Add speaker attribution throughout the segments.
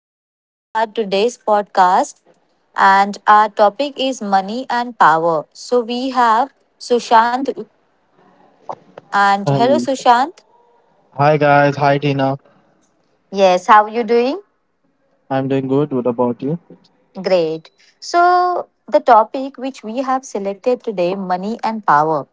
Speaker 1: and welcome to our today's podcast and our topic is money and power. So we have Sushant and hello
Speaker 2: Um,
Speaker 1: Sushant.
Speaker 2: Hi guys, hi Tina.
Speaker 1: Yes, how are you doing?
Speaker 2: I'm doing good. What about you?
Speaker 1: Great. So the topic which we have selected today money and power.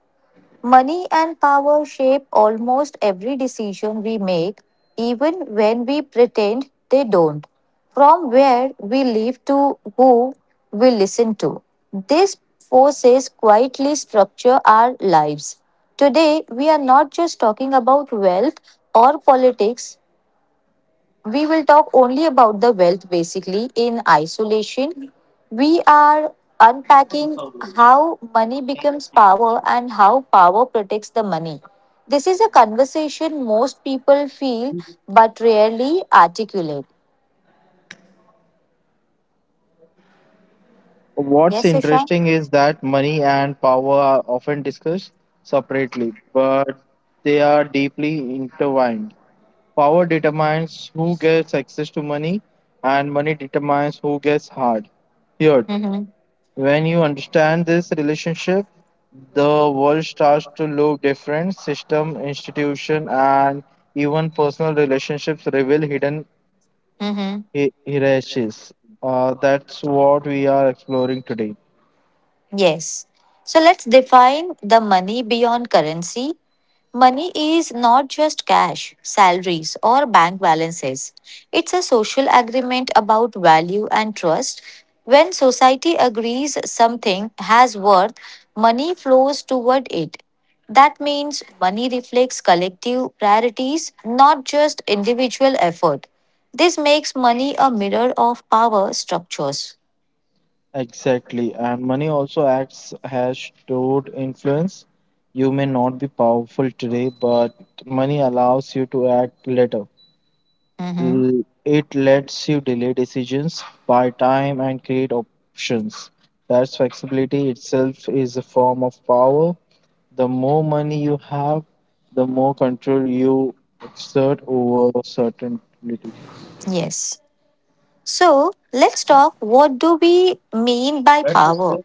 Speaker 1: Money and power shape almost every decision we make, even when we pretend they don't. From where we live to who we listen to. These forces quietly structure our lives. Today, we are not just talking about wealth or politics, we will talk only about the wealth basically in isolation. We are unpacking how money becomes power and how power protects the money. This is a conversation most people feel but rarely articulate.
Speaker 2: What's
Speaker 1: Yes, Susha?
Speaker 2: interesting is that money and power are often discussed separately, but they are deeply intertwined. Power determines who gets access to money, and money determines who gets hard. Here,
Speaker 1: Mm-hmm.
Speaker 2: when you understand this relationship, the world starts to look different. System, institution, and even personal relationships reveal hidden
Speaker 1: Mm-hmm.
Speaker 2: hierarchies. That's what we are exploring today.
Speaker 1: Yes. So let's define the money beyond currency. Money is not just cash, salaries, or bank balances. It's a social agreement about value and trust. When society agrees something has worth, money flows toward it. That means money reflects collective priorities, not just individual effort. This makes money a mirror of power structures.
Speaker 2: Exactly. And money also acts as stored influence. You may not be powerful today, but money allows you to act later.
Speaker 1: Mhm.
Speaker 2: L- It lets you delay decisions, buy time, and create options. That's flexibility itself is a form of power. The more money you have, the more control you exert over certainty.
Speaker 1: Yes. So let's talk what do we mean by power?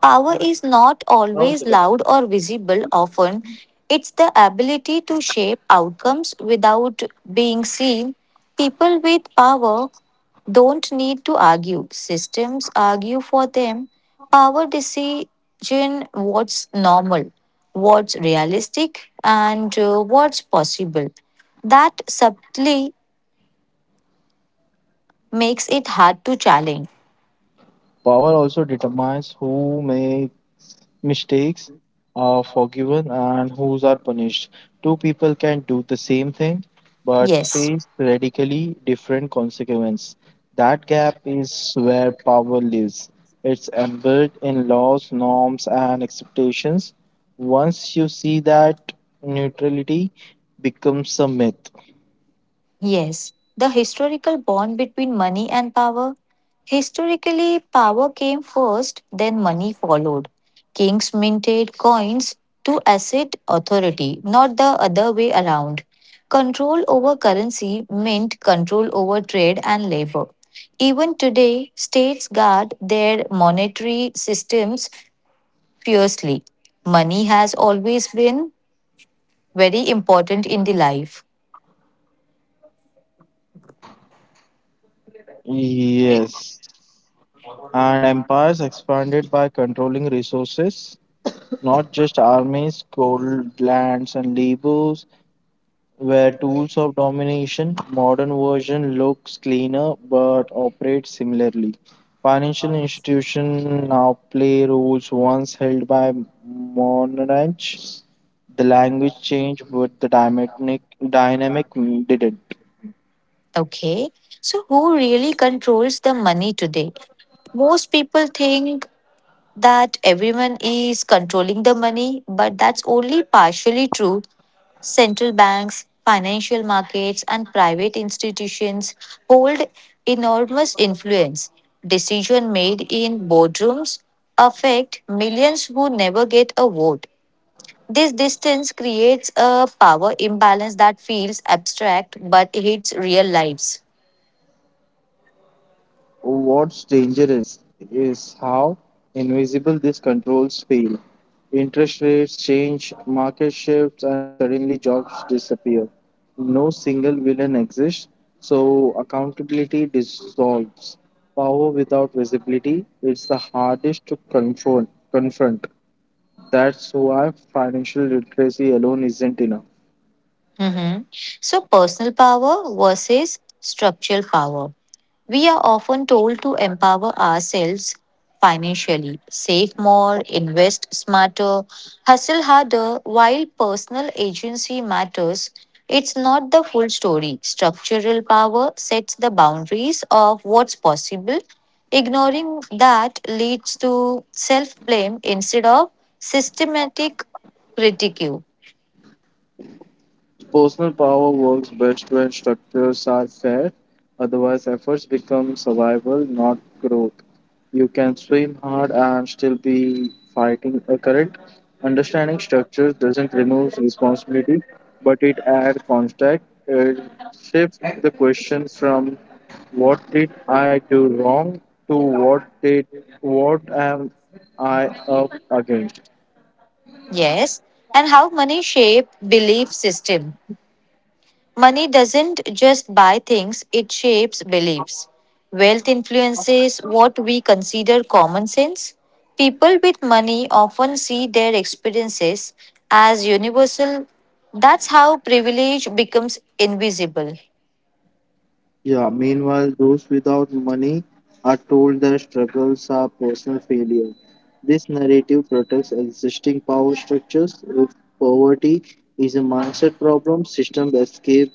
Speaker 1: Power is not always loud or visible often. It's the ability to shape outcomes without being seen. People with power don't need to argue. Systems argue for them. Power decision what's normal, what's realistic, and what's possible. That subtly makes it hard to challenge.
Speaker 2: Power also determines who make mistakes are forgiven and whose are punished. Two people can do the same thing but
Speaker 1: Yes.
Speaker 2: face radically different consequences. That gap is where power lives. It's embedded in laws, norms, and expectations. Once you see that, neutrality becomes a myth.
Speaker 1: Yes, the historical bond between money and power. Historically, power came first, then money followed. Kings minted coins to assert authority, not the other way around. Control over currency meant control over trade and labor. Even today, states guard their monetary systems fiercely. Money has always been very important in the life.
Speaker 2: Yes. And empires expanded by controlling resources. Not just armies, gold lands and labels were tools of domination. Modern version looks cleaner but operates similarly. Financial institutions now play roles once held by monarchs. The language changed, but the dynamic didn't.
Speaker 1: Okay. So, who really controls the money today? Most people think that everyone is controlling the money, but that's only partially true. Central banks, financial markets, and private institutions hold enormous influence. Decisions made in boardrooms affect millions who never get a vote. This distance creates a power imbalance that feels abstract but hits real lives.
Speaker 2: What's dangerous is how invisible these controls feel. Interest rates change, market shifts, and suddenly jobs disappear. No single villain exists, so accountability dissolves. Power without visibility is the hardest to confront. That's why financial literacy alone isn't enough.
Speaker 1: Mhm. So, personal power versus structural power. We are often told to empower ourselves financially, save more, invest smarter, hustle harder. While personal agency matters, it's not the full story. Structural power sets the boundaries of what's possible. Ignoring that leads to self blame instead of systematic critique.
Speaker 2: Personal power works best when structures are fair, otherwise, efforts become survival, not growth. You can swim hard and still be fighting a current. Understanding structures doesn't remove responsibility, but it adds context. It shifts the question from what did I do wrong to what am I up against.
Speaker 1: Yes, and how money shape belief system. Money doesn't just buy things, it shapes beliefs. Wealth influences what we consider common sense. People with money often see their experiences as universal. That's how privilege becomes invisible.
Speaker 2: Yeah, meanwhile, those without money are told their struggles are personal failure. This narrative protects existing power structures. If poverty is a mindset problem, system escape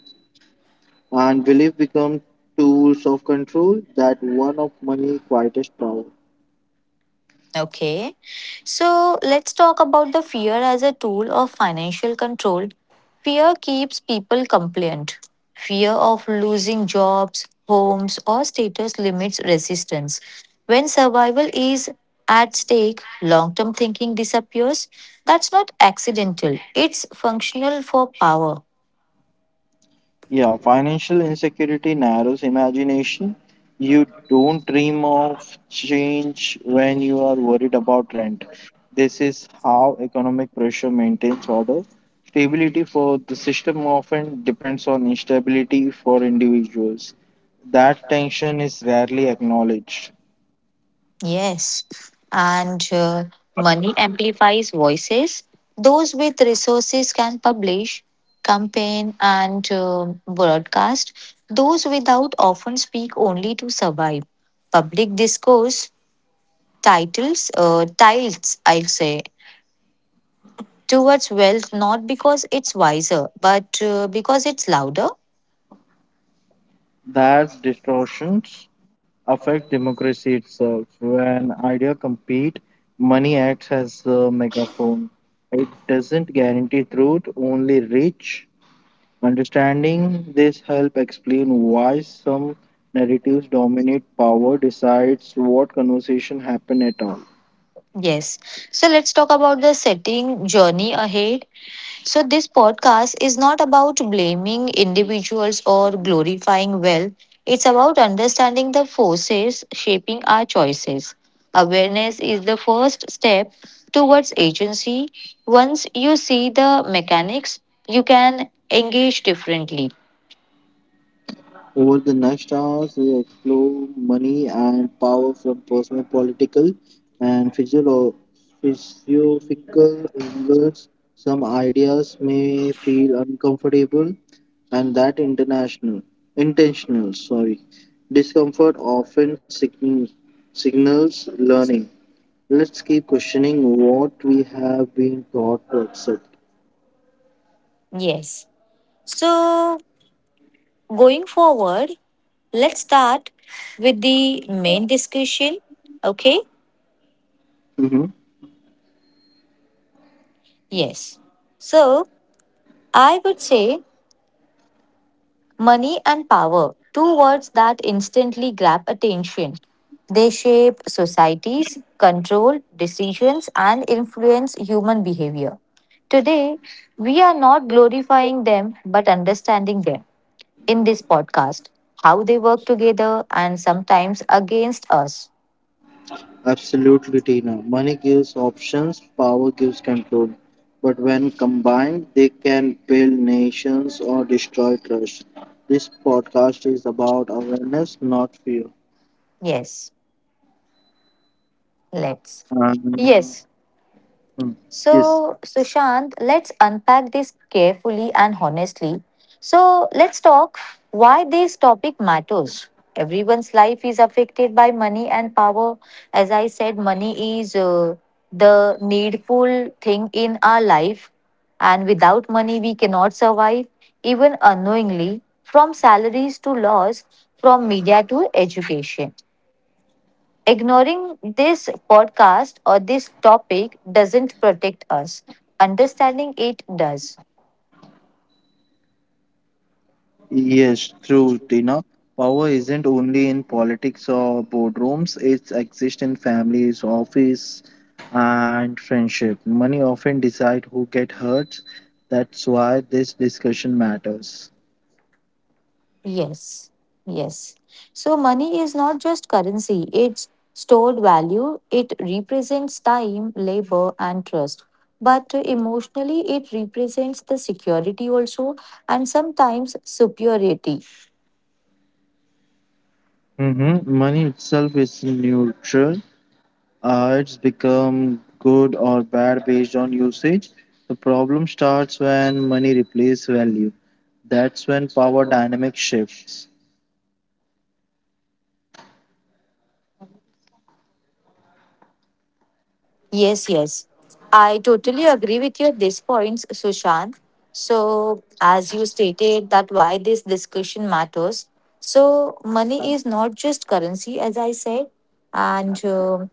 Speaker 2: and belief become tools of control that one of money quietest power.
Speaker 1: Okay. So let's talk about the fear as a tool of financial control. Fear keeps people compliant. Fear of losing jobs, homes, or status limits resistance. When survival is at stake, long term thinking disappears. That's not accidental, it's functional for power.
Speaker 2: Yeah, financial insecurity narrows imagination. You don't dream of change when you are worried about rent. This is how economic pressure maintains order. Stability for the system often depends on instability for individuals. That tension is rarely acknowledged.
Speaker 1: Yes, and money amplifies voices. Those with resources can publish, campaign, and broadcast. Those without often speak only to survive. Public discourse titles, tilts, I'll say, towards wealth not because it's wiser, but because it's louder.
Speaker 2: That distortions affect democracy itself. When idea compete, money acts as a megaphone. It doesn't guarantee truth, only reach. Understanding this help explain why some narratives dominate power decides what conversation happen at all.
Speaker 1: Yes. So let's talk about the setting journey ahead. So, this podcast is not about blaming individuals or glorifying wealth. It's about understanding the forces shaping our choices. Awareness is the first step towards agency. Once you see the mechanics, you can engage differently.
Speaker 2: Over the next hours, we explore money and power from personal, political, and physiological angles. Some ideas may feel uncomfortable, and that intentional, sorry, discomfort often signals learning. Let's keep questioning what we have been taught to accept.
Speaker 1: Yes. So, going forward, let's start with the main discussion. Okay.
Speaker 2: Mm-hmm.
Speaker 1: Yes. So, I would say Money and power, two words that instantly grab attention. They shape societies, control decisions, and influence human behavior. Today, we are not glorifying them but understanding them in this podcast, how they work together and sometimes against us.
Speaker 2: Absolutely, Tina. Money gives options, power gives control. But when combined, they can build nations or destroy trust. This podcast is about awareness, not fear.
Speaker 1: Yes, let's.
Speaker 2: Um,
Speaker 1: Yes.
Speaker 2: hmm. yes,
Speaker 1: So, Sushant, let's unpack this carefully and honestly. So, let's talk why this topic matters. Everyone's life is affected by money and power. As I said, money is the needful thing in our life, and without money, we cannot survive, even unknowingly, from salaries to laws, from media to education. Ignoring this podcast or this topic doesn't protect us. Understanding it does.
Speaker 2: yes, true, Tina. Power isn't only in politics or boardrooms, it exists in families, office, and friendship. Money often decide who get hurt. That's why this discussion matters.
Speaker 1: Yes, yes. So money is not just currency, it's stored value. It represents time, labor, and trust. But emotionally, it represents the security also and sometimes superiority.
Speaker 2: Mm-hmm. Money itself is neutral. It's become good or bad based on usage. The problem starts when money replaces value. That's when power dynamic shifts.
Speaker 1: Yes, yes. I totally agree with your these points, Sushant. So, as you stated that why this discussion matters. So, money is not just currency, as I said. And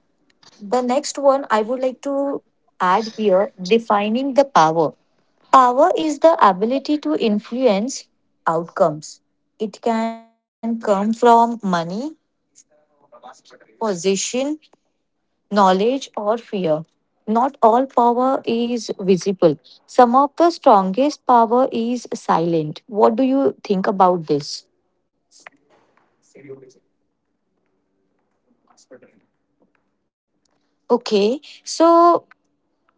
Speaker 1: the next one I would like to add here, defining the power. Power is the ability to influence outcomes. It can come from money, position, knowledge, or fear. Not all power is visible. Some of the strongest power is silent. What do you think about this? Okay, so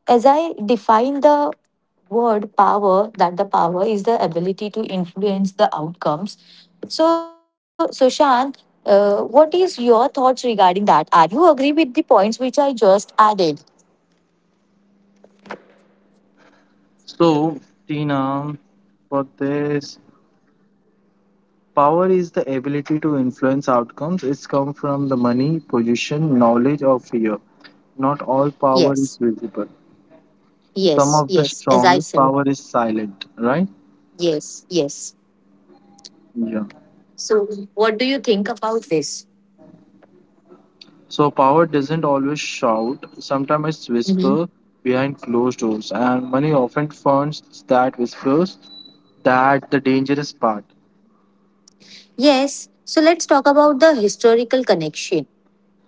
Speaker 1: as I define the word power, that the power is the ability to influence the outcomes. So, Sushant, what is your thoughts regarding that? Are you agree with the points which I just added?
Speaker 2: So, Tina, for this, power is the ability to influence outcomes. It's come from the money, position, knowledge, or fear. Not all power is
Speaker 1: Yes,
Speaker 2: visible. Some
Speaker 1: yes,
Speaker 2: of the
Speaker 1: yes. As I
Speaker 2: strongest
Speaker 1: said,
Speaker 2: power is silent, right?
Speaker 1: yes, yes.
Speaker 2: Yeah.
Speaker 1: So, what do you think about this?
Speaker 2: So power doesn't always shout, sometimes it's
Speaker 1: Hmm.
Speaker 2: whisper behind closed doors, and money often funds that whispers. That the dangerous part.
Speaker 1: Yes, so let's talk about the historical connection.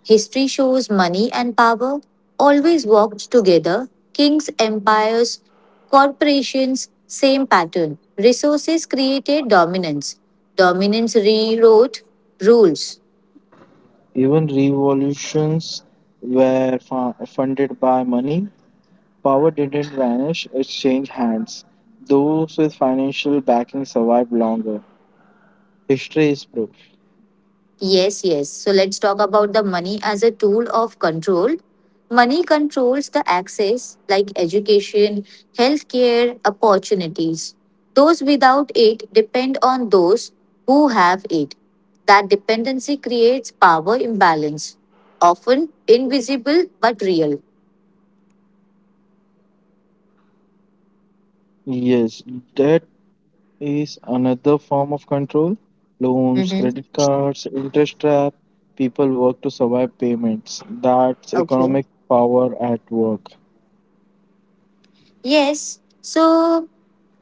Speaker 1: History shows money and power always walked together. Kings, empires, corporations, same pattern. Resources created dominance. Dominance rewrote rules.
Speaker 2: Even revolutions were funded by money. Power didn't vanish; it changed hands. Those with financial backing survived longer. History is proof.
Speaker 1: Yes, yes. So let's talk about the money as a tool of control. Money controls the access like education, healthcare, opportunities. Those without it depend on those who have it. That dependency creates power imbalance, often invisible but real.
Speaker 2: Yes, that is another form of control. Loans,
Speaker 1: Mm-hmm.
Speaker 2: credit cards, interest trap. People work to survive payments. That's
Speaker 1: Okay.
Speaker 2: economic power at work.
Speaker 1: Yes, so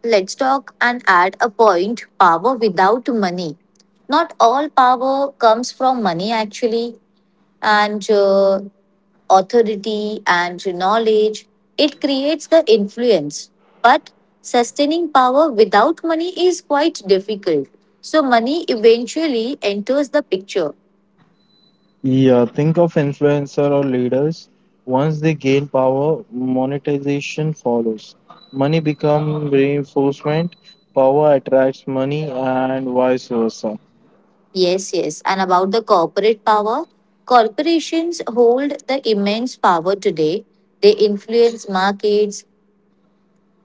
Speaker 1: let's talk and add a point power without money. Not all power comes from money, actually, and authority and knowledge. It creates the influence. But sustaining power without money is quite difficult. So, money eventually enters the picture.
Speaker 2: Yeah, think of influencer or leaders. Once they gain power, monetization follows. Money becomes reinforcement, power attracts money, and vice versa.
Speaker 1: Yes, yes. And about the corporate power, corporations hold the immense power today. They influence markets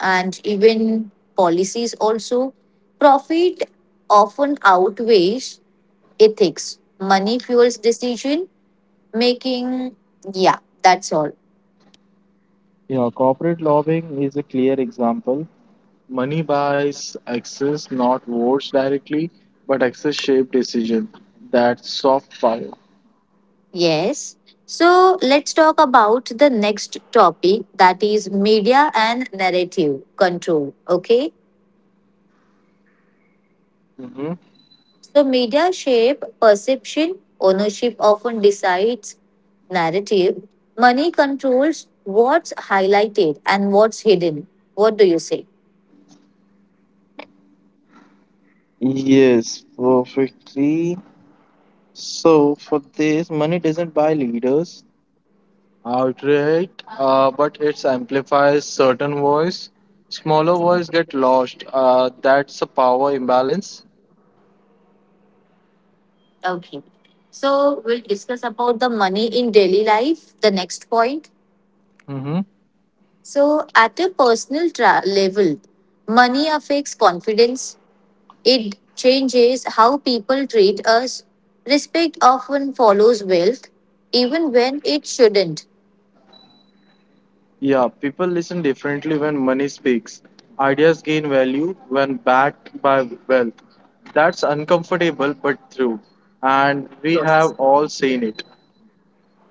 Speaker 1: and even policies also. Profit often outweighs ethics. Money fuels decision making. Yeah, that's all.
Speaker 2: Yeah, corporate lobbying is a clear example. Money buys access, not votes directly, but access shaped decision. That's soft power.
Speaker 1: Yes. So let's talk about the next topic that is media and narrative control. Okay.
Speaker 2: Hmm.
Speaker 1: So media shape perception, ownership often decides narrative, money controls what's highlighted and what's hidden. What do you say?
Speaker 2: Yes, perfectly. So for this, money doesn't buy leaders outright, but it amplifies certain voice. Smaller voice get lost. That's a power imbalance.
Speaker 1: Okay. So we'll discuss about the money in daily life, the next point. So at a personal level, money affects confidence. It changes how people treat us. Respect often follows wealth, even when it shouldn't.
Speaker 2: Yeah, people listen differently when money speaks. Ideas gain value when backed by wealth. That's uncomfortable but true. And we
Speaker 1: Yes.
Speaker 2: have all seen it.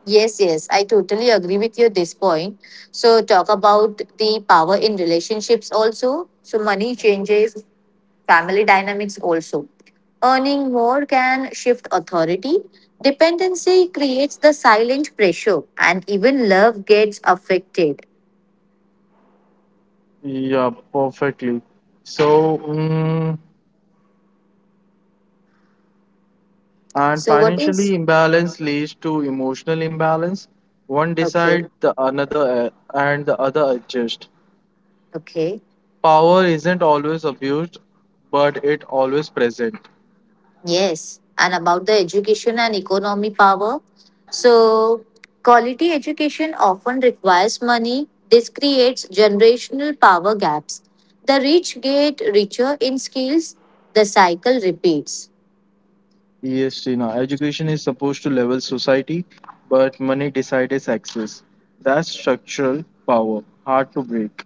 Speaker 1: Yes, yes, I totally agree with you at this point. So, talk about the power in relationships also. So, money changes family dynamics also. Earning more can shift authority. Dependency creates the silent pressure, and even love gets affected.
Speaker 2: Yeah, perfectly. So, and
Speaker 1: So, what is
Speaker 2: financially imbalance leads to emotional imbalance. One
Speaker 1: okay?
Speaker 2: decide the another and the other adjust.
Speaker 1: Okay.
Speaker 2: Power isn't always abused, but it always present.
Speaker 1: Yes, and about the education and economy power. So, quality education often requires money. This creates generational power gaps. The rich get richer in skills, the cycle repeats.
Speaker 2: Yes, Srina, education is supposed to level society, but money decides access. That's structural power, hard to break.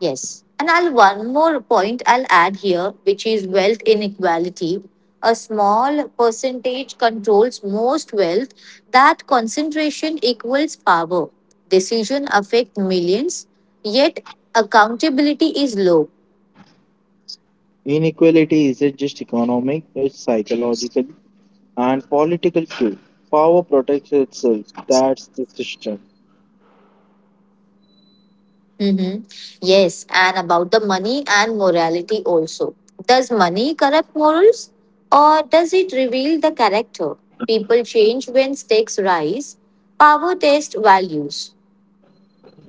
Speaker 1: Yes. And I'll one more point I'll add here, which is wealth inequality. A small percentage controls most wealth. That concentration equals power. Decision affect millions, yet accountability is low.
Speaker 2: Inequality isn't just economic, it's psychological and political too. Power protects itself. That's the system.
Speaker 1: Mm-hmm. Yes, and about the money and morality also. Does money corrupt morals or does it reveal the character? People change when stakes rise. Power test values.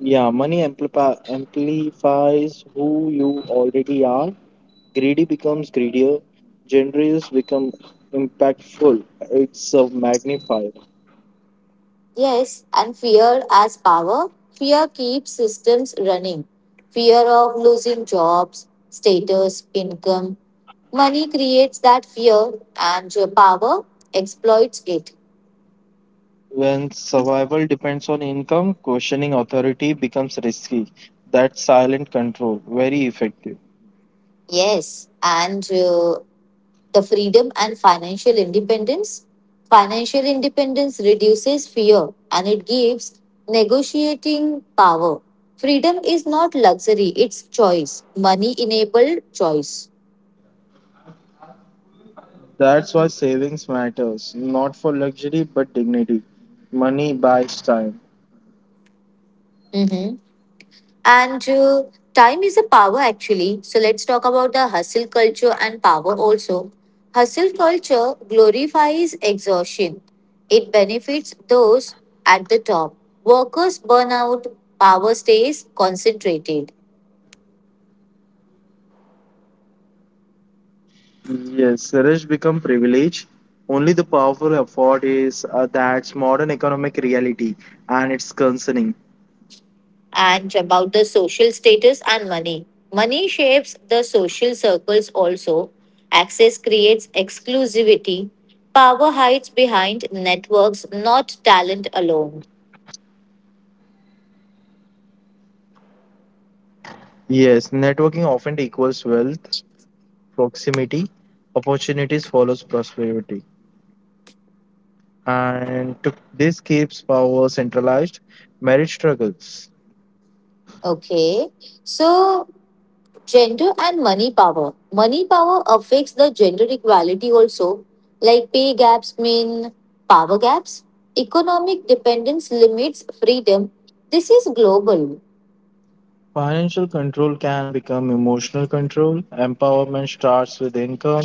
Speaker 2: Yeah, money amplifies who you already are. Greedy becomes greedier, generous becomes impactful. It's a magnifier.
Speaker 1: Yes, and fear as power. Fear keeps systems running. Fear of losing jobs, status, income. Money creates that fear and power exploits it.
Speaker 2: When survival depends on income, questioning authority becomes risky. That's silent control, very effective.
Speaker 1: Yes, and the freedom and financial independence. Financial independence reduces fear and it gives negotiating power. Freedom is not luxury, it's choice. Money enabled choice.
Speaker 2: That's why savings matters, not for luxury but dignity. Money buys time.
Speaker 1: Mhm. And time is a power actually. So let's talk about the hustle culture and power also. Hustle culture glorifies exhaustion. It benefits those at the top. Workers burn out, power stays concentrated.
Speaker 2: Yes, rich become privilege. Only the powerful afford is that's modern economic reality, and it's concerning.
Speaker 1: And about the social status and money. Money shapes the social circles also. Access creates exclusivity. Power hides behind networks, not talent alone.
Speaker 2: Yes, networking often equals wealth, proximity, opportunities follows prosperity. And to, this keeps power centralized. Marriage struggles.
Speaker 1: Okay, so gender and money power. Money power affects the gender equality also, like pay gaps mean power gaps. Economic dependence limits freedom. This is global,
Speaker 2: Financial control can become emotional control. Empowerment starts with income.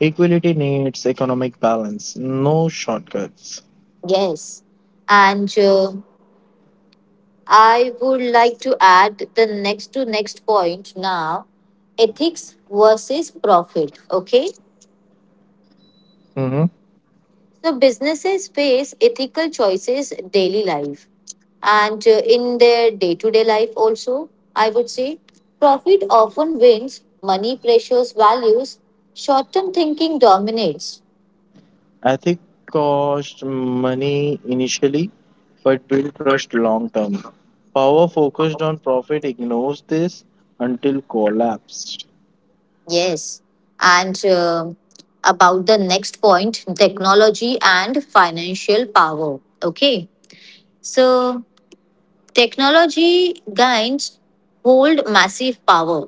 Speaker 2: Equality needs economic balance, no shortcuts.
Speaker 1: yes. And I would like to add the next to next point now ethics versus profit. Okay.
Speaker 2: Mhm.
Speaker 1: So businesses face ethical choices daily life and in their day-to-day life also, I would say profit often wins, money pressures values, short-term thinking dominates.
Speaker 2: Ethic cost money initially, but build trust long term. Power focused on profit ignores this until collapsed.
Speaker 1: Yes. And about the next point, technology and financial power. Okay. So technology gains hold massive power.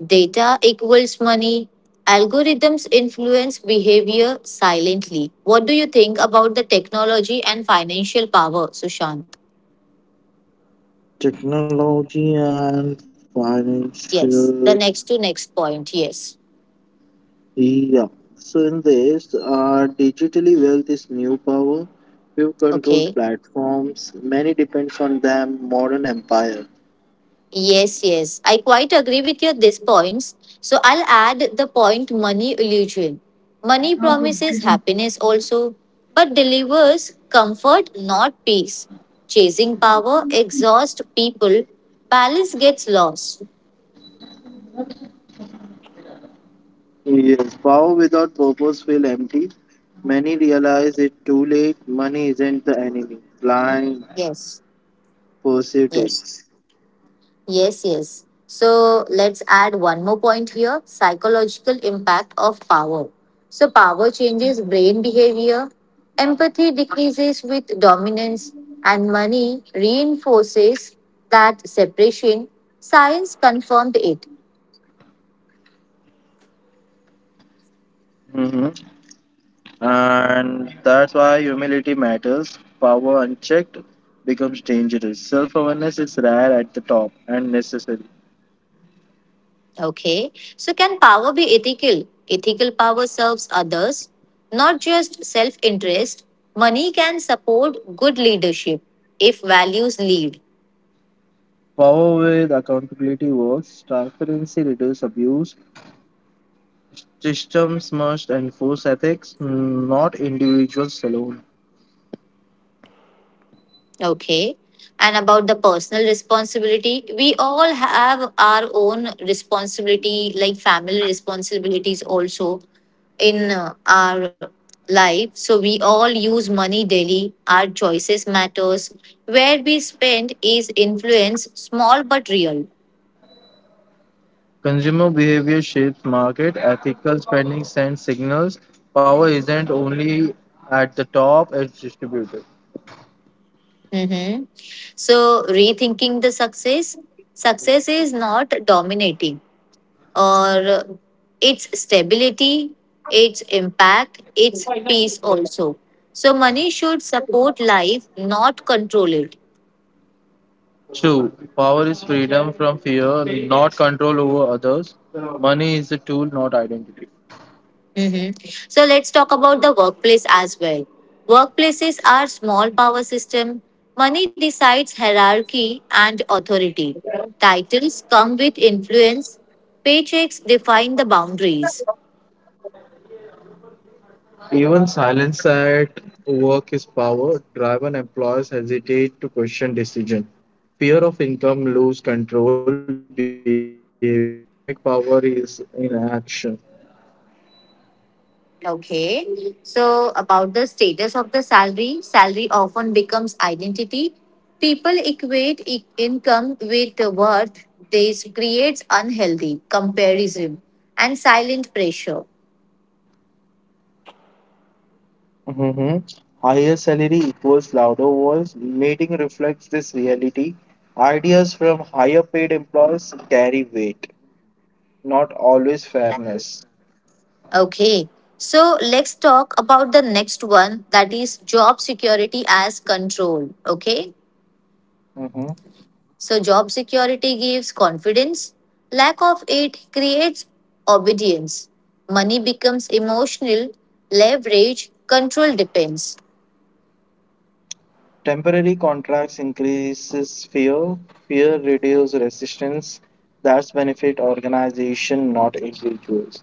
Speaker 1: Data equals money. Algorithms influence behavior silently. What do you think about the technology and financial power, Sushant?
Speaker 2: Technology and
Speaker 1: Yes,
Speaker 2: financial.
Speaker 1: the next to next point. Yes.
Speaker 2: Yeah. So in this, digitally wealth is new power. Few control
Speaker 1: Okay.
Speaker 2: platforms. Many depends on them. Modern empire.
Speaker 1: Yes, yes. I quite agree with your these points. So I'll add the point money illusion. Money promises happiness also, but delivers comfort, not peace. Chasing power exhausts people. Balance gets lost.
Speaker 2: Yes. Power without purpose will empty. Many realize it too late. Money isn't the enemy. Blind
Speaker 1: Yes.
Speaker 2: pursued it.
Speaker 1: Yes, yes, yes. So let's add one more point here psychological impact of power. So, power changes brain behavior, empathy decreases with dominance, and money reinforces that separation. Science confirmed it.
Speaker 2: Hmm. And that's why humility matters. Power unchecked becomes dangerous. Self awareness is rare at the top and necessary.
Speaker 1: Okay, so can power be ethical? Ethical power serves others, not just self interest. Money can support good leadership if values lead.
Speaker 2: Power with accountability works, transparency reduces abuse, systems must enforce ethics, not individuals alone.
Speaker 1: Okay. And about the personal responsibility, we all have our own responsibility, like family responsibilities also in our life. So we all use money daily. Our choices matters. Where we spend is influence, small but real.
Speaker 2: Consumer behavior shapes market, ethical spending sends signals. Power isn't only at the top, it's distributed.
Speaker 1: Mm-hmm. So rethinking the success, success is not dominating. Or its stability, its impact, its peace also. So money should support life, not control it.
Speaker 2: True. Power is freedom from fear, not control over others. Money is a tool, not identity.
Speaker 1: Mhm. So let's talk about the workplace as well. Workplaces are small power system. Money decides hierarchy and authority. Titles come with influence. Paychecks define the boundaries.
Speaker 2: Even silence at work is power. Driven and employers hesitate to question decision. Fear of income lose control behavior. That's economic power is in action.
Speaker 1: Okay. So, about the status of the salary, salary often becomes identity. People equate income with the worth. This creates unhealthy comparison and silent pressure.
Speaker 2: Hmm. Higher salary equals louder voice. Meeting reflects this reality. Ideas from higher paid employees carry weight, not always fairness.
Speaker 1: Okay. So, let's talk about the next one that is job security as control. Okay. So, job security gives confidence, lack of it creates obedience. Money becomes emotional, leverage, control depends.
Speaker 2: Temporary contracts increases fear. Fear reduces resistance. That's benefit organization, not individuals.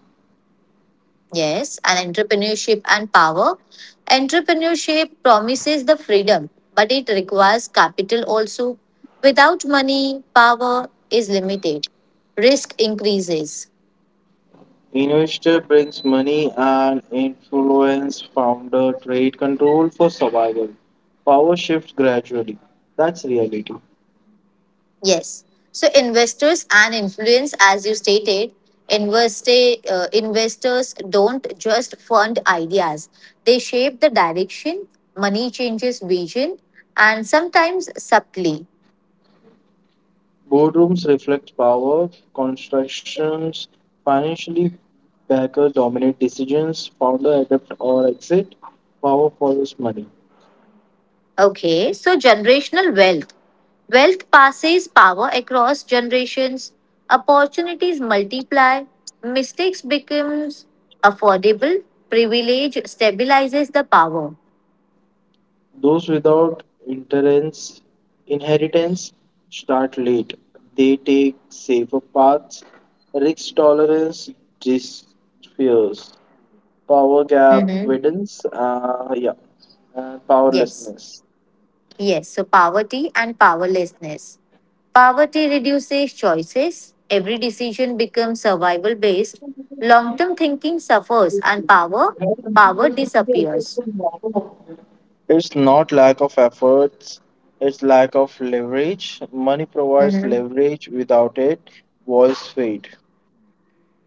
Speaker 1: Yes, and entrepreneurship and power. Entrepreneurship promises the freedom, but it requires capital also. Without money, power is limited, risk increases.
Speaker 2: Investor brings money and influence. Founder trade control for survival. Power shifts gradually. That's reality.
Speaker 1: Yes. So investors and influence, as you stated, investors don't just fund ideas. They shape the direction, money changes vision, and sometimes subtly.
Speaker 2: Boardrooms reflect power. Constructions financially backer dominate decisions. Founder adapt or exit. Power follows money.
Speaker 1: Okay, so generational wealth. Wealth passes power across generations, opportunities multiply, mistakes becomes affordable, privilege stabilizes the power.
Speaker 2: Those without interens- inheritance start late. They take safer paths, risk tolerance disappears, power gap
Speaker 1: Mhm.
Speaker 2: widens, yeah, and
Speaker 1: Yes.
Speaker 2: powerlessness.
Speaker 1: Yes, so poverty and powerlessness. Poverty reduces choices, every decision becomes survival based, long term thinking suffers, and power, power disappears.
Speaker 2: It's not lack of efforts, it's lack of leverage. Money provides
Speaker 1: Hmm.
Speaker 2: leverage. Without it, walls fade.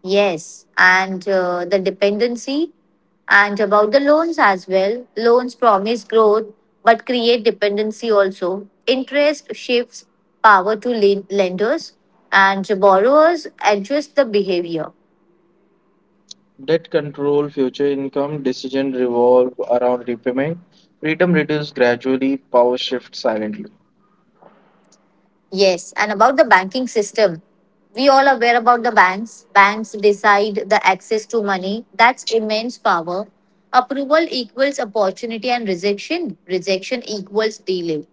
Speaker 1: Yes, and the dependency, and about the loans as well. Loans promise growth but create dependency also. Interest shifts power to lenders, and borrowers adjust the behavior.
Speaker 2: Debt control future income decision revolve around repayment. Freedom reduce gradually, power shift silently.
Speaker 1: Yes, and about the banking system, we all aware about the banks. Banks decide the access to money. That's immense power. Approval equals opportunity and rejection. Rejection equals delay.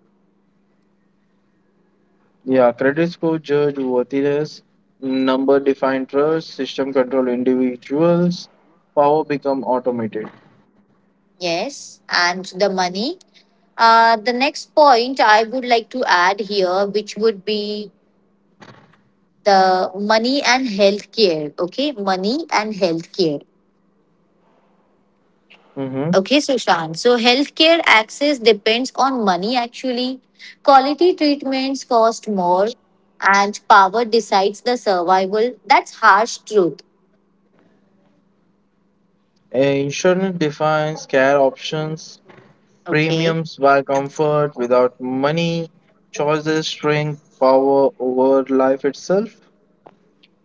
Speaker 2: Yeah, credit score judge worthiness, number define trust, system control individuals, power become automated.
Speaker 1: Yes, and the money. The next point I would like to add here, which would be the money and healthcare. Okay, money and healthcare.
Speaker 2: Mm-hmm.
Speaker 1: Okay, Sushant. So healthcare access depends on money actually. Quality treatments cost more and power decides the survival. That's harsh truth.
Speaker 2: Insurance defines care options,
Speaker 1: Okay.
Speaker 2: premiums buy comfort without money, choices shrink power over life itself.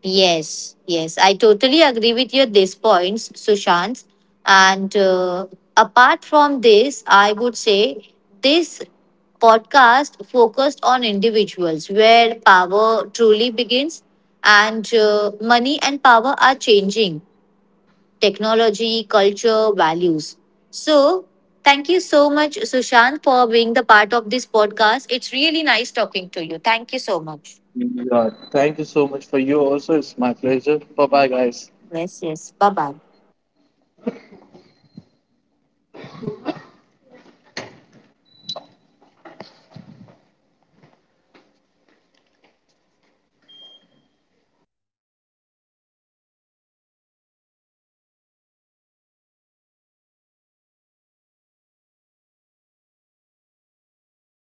Speaker 1: Yes, yes. I totally agree with your these points, Sushant. And apart from this, I would say this podcast focused on individuals where power truly begins and money and power are changing technology, culture, values. So, thank you so much, Sushant, for being the part of this podcast. It's really nice talking to you. Thank you so much.
Speaker 2: Yeah, thank you so much for you also. It's my pleasure. Bye bye, guys.
Speaker 1: Yes, yes. Bye bye.